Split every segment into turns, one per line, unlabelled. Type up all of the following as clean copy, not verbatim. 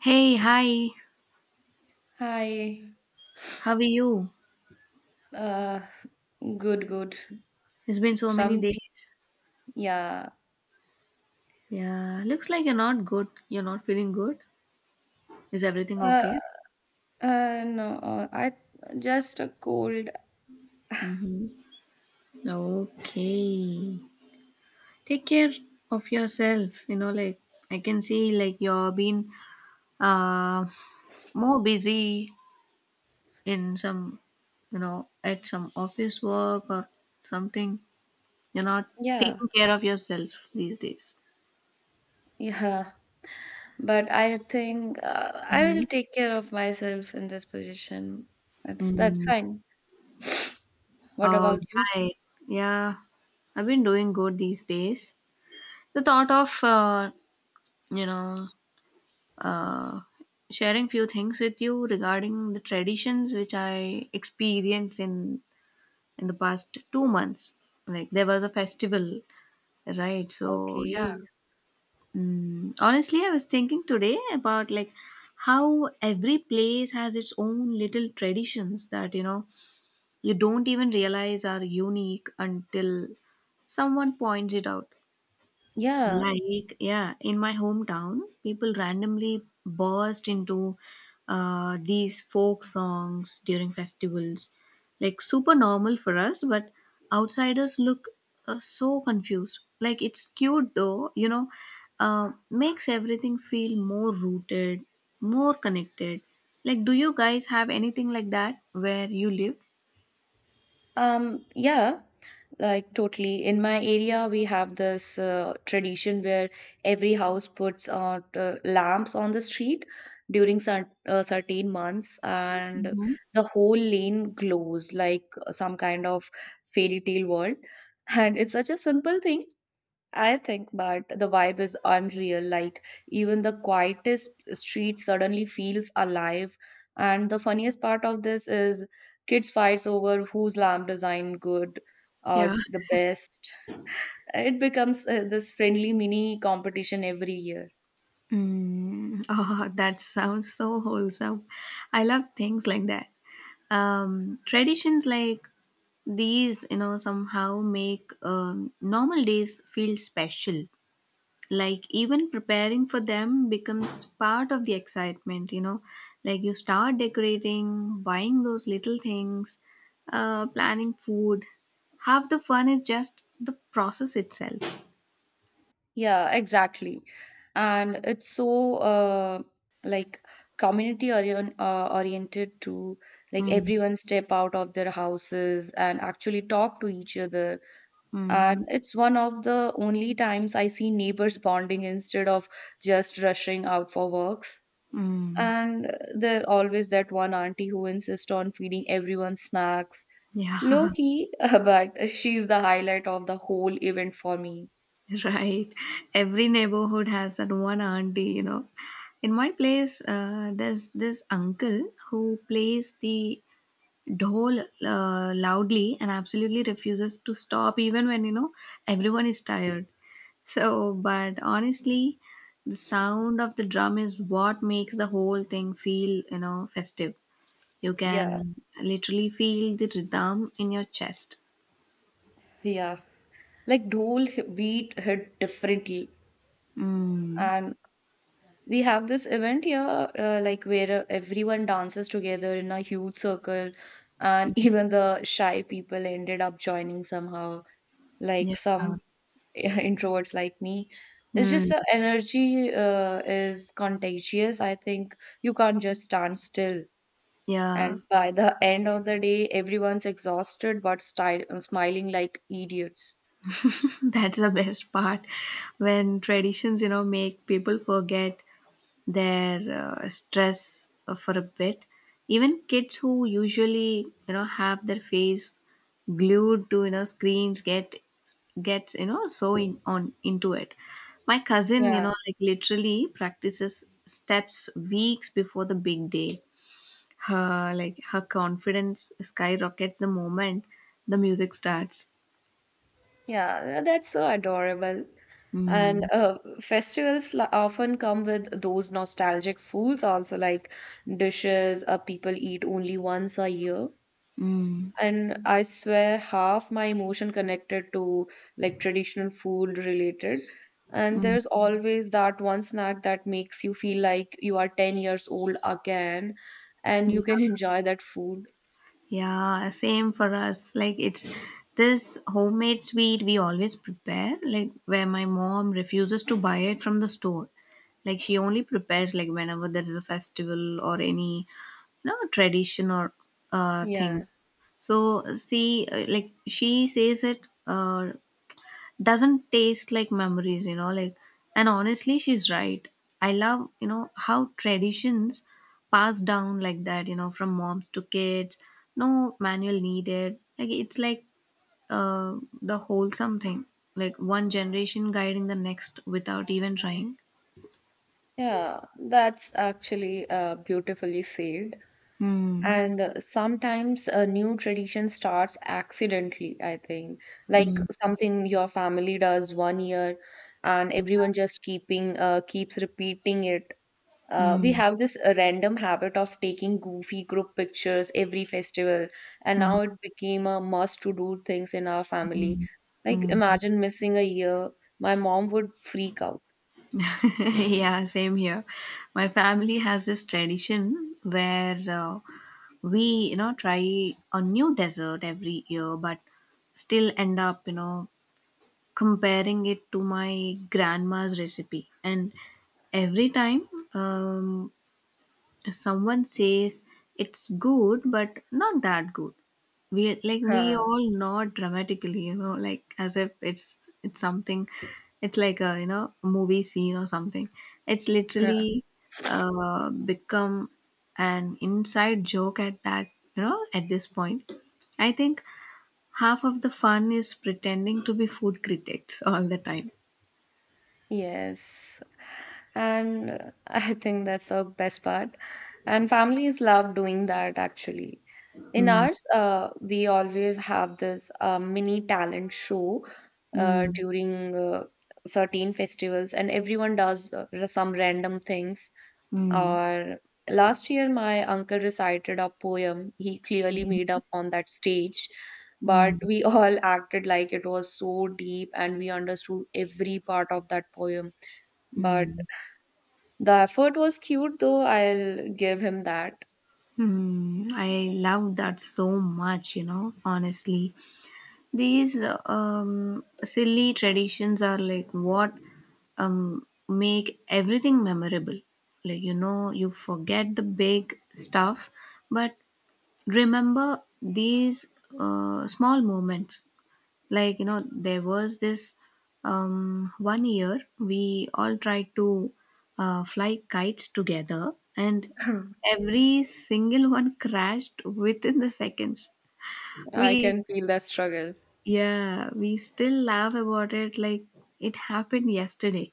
Hey, hi.
Hi.
How are you?
Uh, good, good.
It's been so many
Something,
days.
yeah.
Yeah, looks like you're not good. You're not feeling good. Is everything
Uh,
okay?
no, I just a cold.
Mm-hmm. Okay. Take care of yourself. You know, like I can see like you're being uh more busy in some, you know, at some office work or something. You're not
Yeah,
taking care of yourself these days.
yeah. But I think I
Mm-hmm.
will take care of myself in this position. That's
Mm-hmm.
fine. What
All
about you?
right. Yeah, I've been doing good these days. The thought of, you know, uh, sharing few things with you regarding the traditions which I experienced in the past 2 months. Like there was a festival, right? So yeah.
Okay.
Honestly, I was thinking today about like how every place has its own little traditions that you know you don't even realize are unique until someone points it out.
Yeah.
Like, yeah, in my hometown, people randomly burst into these folk songs during festivals. Like, super normal for us, but outsiders look so confused. Like, it's cute though, makes everything feel more rooted, more connected. Like, do you guys have anything like that where you live?
Yeah. Like totally. In my area, we have this tradition where every house puts out lamps on the street during certain months, and
Hmm.
the whole lane glows like some kind of fairy tale world. And it's such a simple thing, I think, but the vibe is unreal. Like, even the quietest street suddenly feels alive. And the funniest part of this is kids fights over whose lamp design good
Yeah.
or the best. It becomes this friendly mini competition every year.
Mm, oh, that sounds so wholesome. I love things like that. Traditions like these, somehow make normal days feel special. Like even preparing for them becomes part of the excitement. Like you start decorating, buying those little things, planning food. Half the fun is just the process itself.
Yeah, exactly. And it's so like oriented to like
Mm,
everyone step out of their houses and actually talk to each other. And
mm,
it's one of the only times I see neighbors bonding instead of just rushing out for works.
mm.
And there always that one auntie who insists on feeding everyone snacks.
Yeah.
Low key, but she's the highlight of the whole event for me.
Right. Every neighborhood has that one auntie. In my place, there's this uncle who plays the dhol, loudly and absolutely refuses to stop, even when, everyone is tired. So, but honestly, the sound of the drum is what makes the whole thing feel, festive. You
Yeah,
can literally feel the rhythm in your chest.
yeah. Like Dhol beat hit differently.
Mm.
And we have this event here, like where everyone dances together in a huge circle, and even the shy people ended up joining somehow.
Yeah.
Like some introverts like me. It's just
Mm.
the energy is contagious. I think you can't just stand still.
Yeah.
And by the end of the day, everyone's exhausted but style smiling like idiots.
That's the best part when traditions, make people forget their stress for a bit. Even kids who usually, have their face glued to, screens gets, so in, on into it. My cousin,
Yeah,
like literally practices steps weeks before the big day. Her confidence skyrockets the moment the music starts.
yeah, that's so adorable. And
Mm.
often come with those nostalgic foods also, like dishes people eat only once a year. And I swear half my emotion connected to like traditional food related. And
Mm.
there's always that one snack that makes you feel like you are 10 years old again and you can enjoy that food.
Yeah, same for us. Like it's this homemade sweet we always prepare, like where my mom refuses to buy it from the store. Like she only prepares like whenever there is a festival or any, tradition or
Yeah.
things. So see, like she says it. Doesn't taste like memories, like, and honestly, she's right. I love, how traditions pass down like that, from moms to kids. No manual needed, like it's like the wholesome thing. Like one generation guiding the next without even trying.
Yeah, that's actually beautifully said.
Hmm.
And sometimes a new tradition starts accidentally, I think. Like
Mm,
something your family does one year and everyone just keeping keeps repeating it. We
mm,
have this random habit of taking goofy group pictures every festival, and now
mm,
it became a must to do things in our family. Like,
mm.
imagine missing a year, my mom would freak out.
Yeah, same here. My family has this tradition where, we, try a new dessert every year, but still end up, comparing it to my grandma's recipe. And every time, um, someone says it's good but not that good. We, we
Huh,
all nod dramatically, you know, like as if it's something. It's like a, movie scene or something. It's
huh.
literally become an inside joke at that you know at this point. I think half of the fun is pretending to be food critics all the time.
Yes. And I think that's the best part. And families love doing that actually. In
Mm,
ours, we always have this mini talent show
mm,
during certain festivals, and everyone does some random things.
mm,
Or last year, my uncle recited a poem he clearly made up on that stage, but
mm,
we all acted like it was so deep and we understood every part of that poem. But
mm.
the effort was cute though, I'll give him that.
Hmm, I love that so much, honestly. These silly traditions are like what make everything memorable. Like, you forget the big stuff, but remember these small moments. Like, there was this one year we all tried to fly kites together, and every single one crashed within the seconds.
I
We
can feel that struggle.
Yeah, we still laugh about it like it happened yesterday.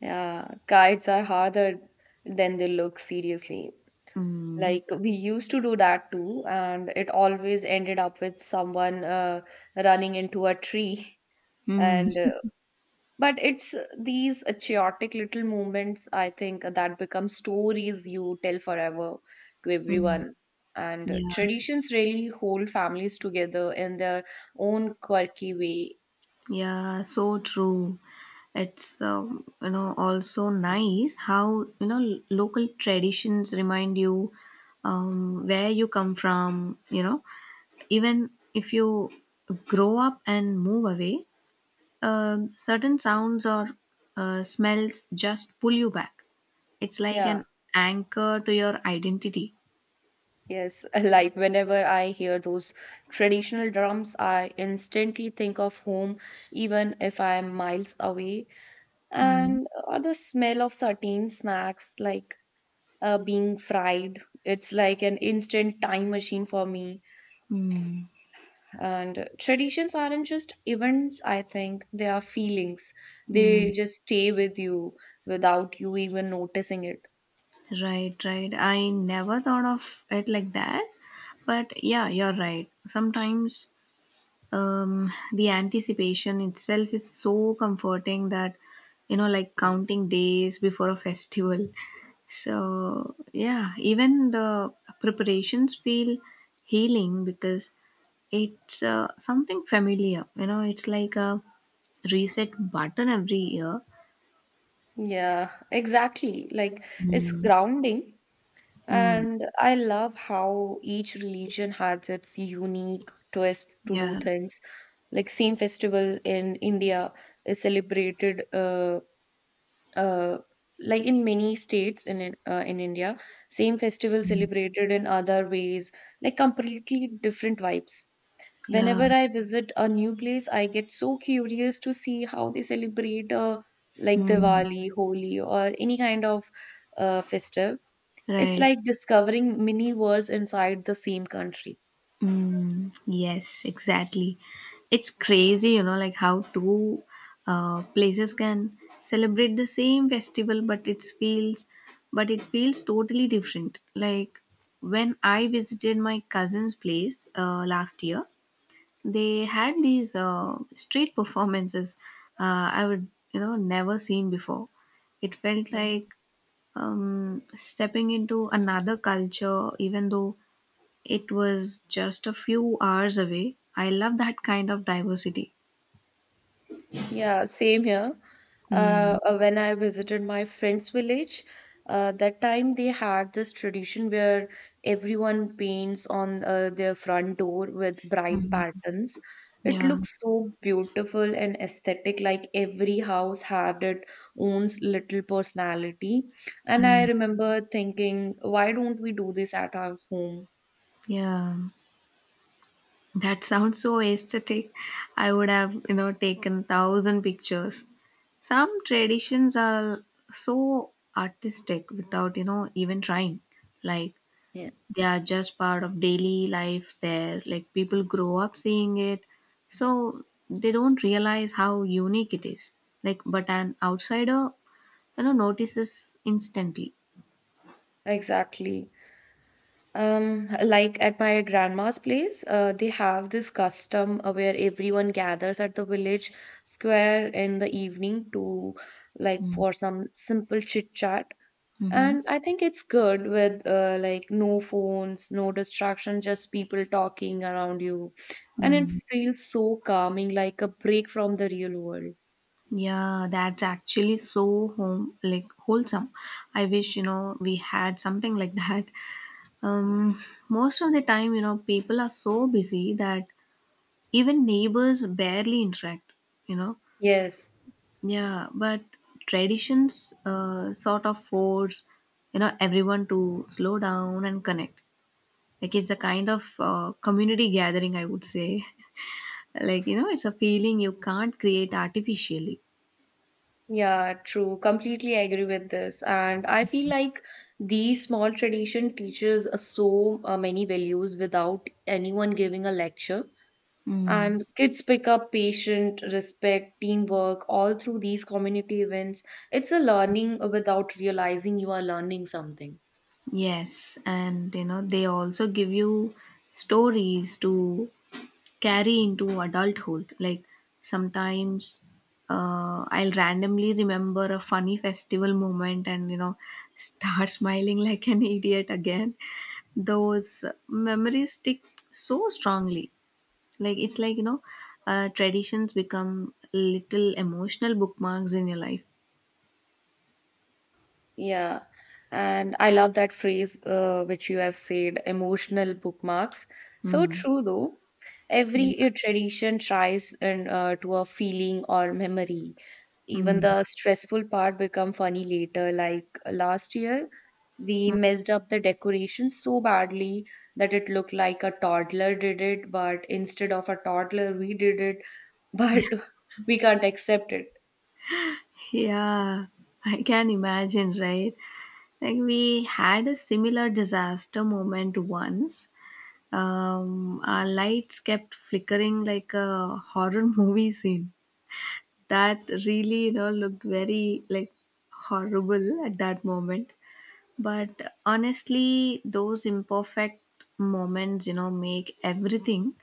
Yeah, kites are harder than they look, seriously.
Mm.
Like we used to do that too, and it always ended up with someone running into a tree.
Mm.
And but it's these chaotic little moments, I think, that become stories you tell forever to
Mm.
everyone. And
Yeah.
traditions really hold families together in their own quirky way.
Yeah, so true. It's, also nice how, l- local traditions remind you, where you come from. Even if you grow up and move away, certain sounds or smells just pull you back. It's like
Yeah,
an anchor to your identity.
yes. Like whenever I hear those traditional drums, I instantly think of home, even if I am miles away.
Mm.
And the smell of certain snacks, like being fried, it's like an instant time machine for me.
Mm.
And traditions aren't just events, I think, they are feelings.
Mm.
They just stay with you without you even noticing it.
Right, right. I never thought of it like that. But yeah, you're right. Sometimes, the anticipation itself is so comforting that, like counting days before a festival. So yeah, even the preparations feel healing because it's something familiar. It's like a reset button every year.
Yeah, exactly. Like it's
Mm.
grounding.
Mm.
And I love how each religion has its unique twist to do
Yeah,
things. Like same festival in India is celebrated uh, like in many states in India, same festival celebrated in other ways, like completely different vibes.
yeah.
Whenever I visit a new place, I get so curious to see how they celebrate like
Mm.
Diwali, Holi, or any kind of festive. It's
Right.
like discovering mini worlds inside the same country.
Mm, yes, exactly. It's crazy, like how two places can celebrate the same festival, but it feels totally different. Like when I visited my cousin's place, last year, they had these street performances, I would, never seen before. It felt
Mm.
like, stepping into another culture, even though it was just a few hours away. I love that kind of diversity.
Yeah, same here.
Mm.
When I visited my friend's village, that time they had this tradition where everyone paints on their front door with bright
Mm.
patterns. It
Yeah.
looks so beautiful and aesthetic, like every house had its own little personality. And I
Mm.
remember thinking, why don't we do this at our home?
Yeah. That sounds so aesthetic. I would have, taken thousand pictures. Some traditions are so artistic without, even trying. Like
Yeah,
they are just part of daily life there. Like people grow up seeing it. So they don't realize how unique it is. Like, but an outsider, notices instantly.
exactly. Like at my grandma's place, they have this custom where everyone gathers at the village square in the evening to like
Mm,
for some simple chit chat.
mhm.
And I think it's good with like no phones, no distraction, just people talking around you. And it
Mm.
feels so calming, like a break from the real world.
Yeah, that's actually so home like wholesome. I wish, we had something like that. Um, Most of the time, people are so busy that even neighbors barely interact, you know.
Yes.
Yeah, but traditions, sort of force, everyone to slow down and connect. Like it's a kind of community gathering, I would say. Like, it's a feeling you can't create artificially.
Yeah, true. Completely agree with this. And I feel like these small tradition teaches us so many values without anyone giving a lecture.
Mm.
And kids pick up patient, respect, teamwork all through these community events. It's a learning without realizing you are learning something.
Yes, and, they also give you stories to carry into adulthood. Like sometimes, I'll randomly remember a funny festival moment and, start smiling like an idiot again. Those memories stick so strongly. Like it's like, traditions become little emotional bookmarks in your life.
Yeah, and I love that phrase which you have said, emotional bookmarks. So
Hmm.
true, though.
Yeah.
Every tradition tries and to a feeling or memory. Even
Mm.
the stressful part become funny later. Like last year, we
Mm.
messed up the decoration so badly that it looked like a toddler did it, but instead of a toddler, we did it.
Yeah.
But we can't accept it.
Yeah. I can imagine, right? Like we had a similar disaster moment once. Our lights kept flickering like a horror movie scene. That really, looked very like horrible at that moment. But honestly, those imperfect moments, make everything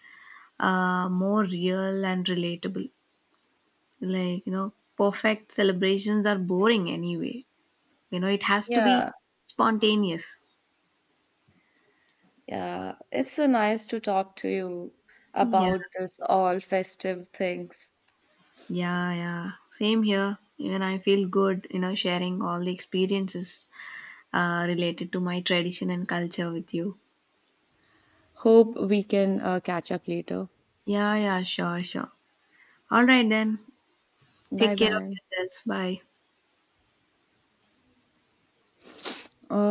more real and relatable. Like, perfect celebrations are boring anyway. It has to be
Yeah.
spontaneous.
Yeah, it's so nice to talk to you
Yeah,
about this all festive things.
yeah, yeah, same here. Even I feel good, sharing all the experiences related to my tradition and culture with you.
Hope we can catch up later.
Yeah, yeah, sure, sure. All right, then.
Bye
Take care of
bye.
yourselves. Bye.
Uh,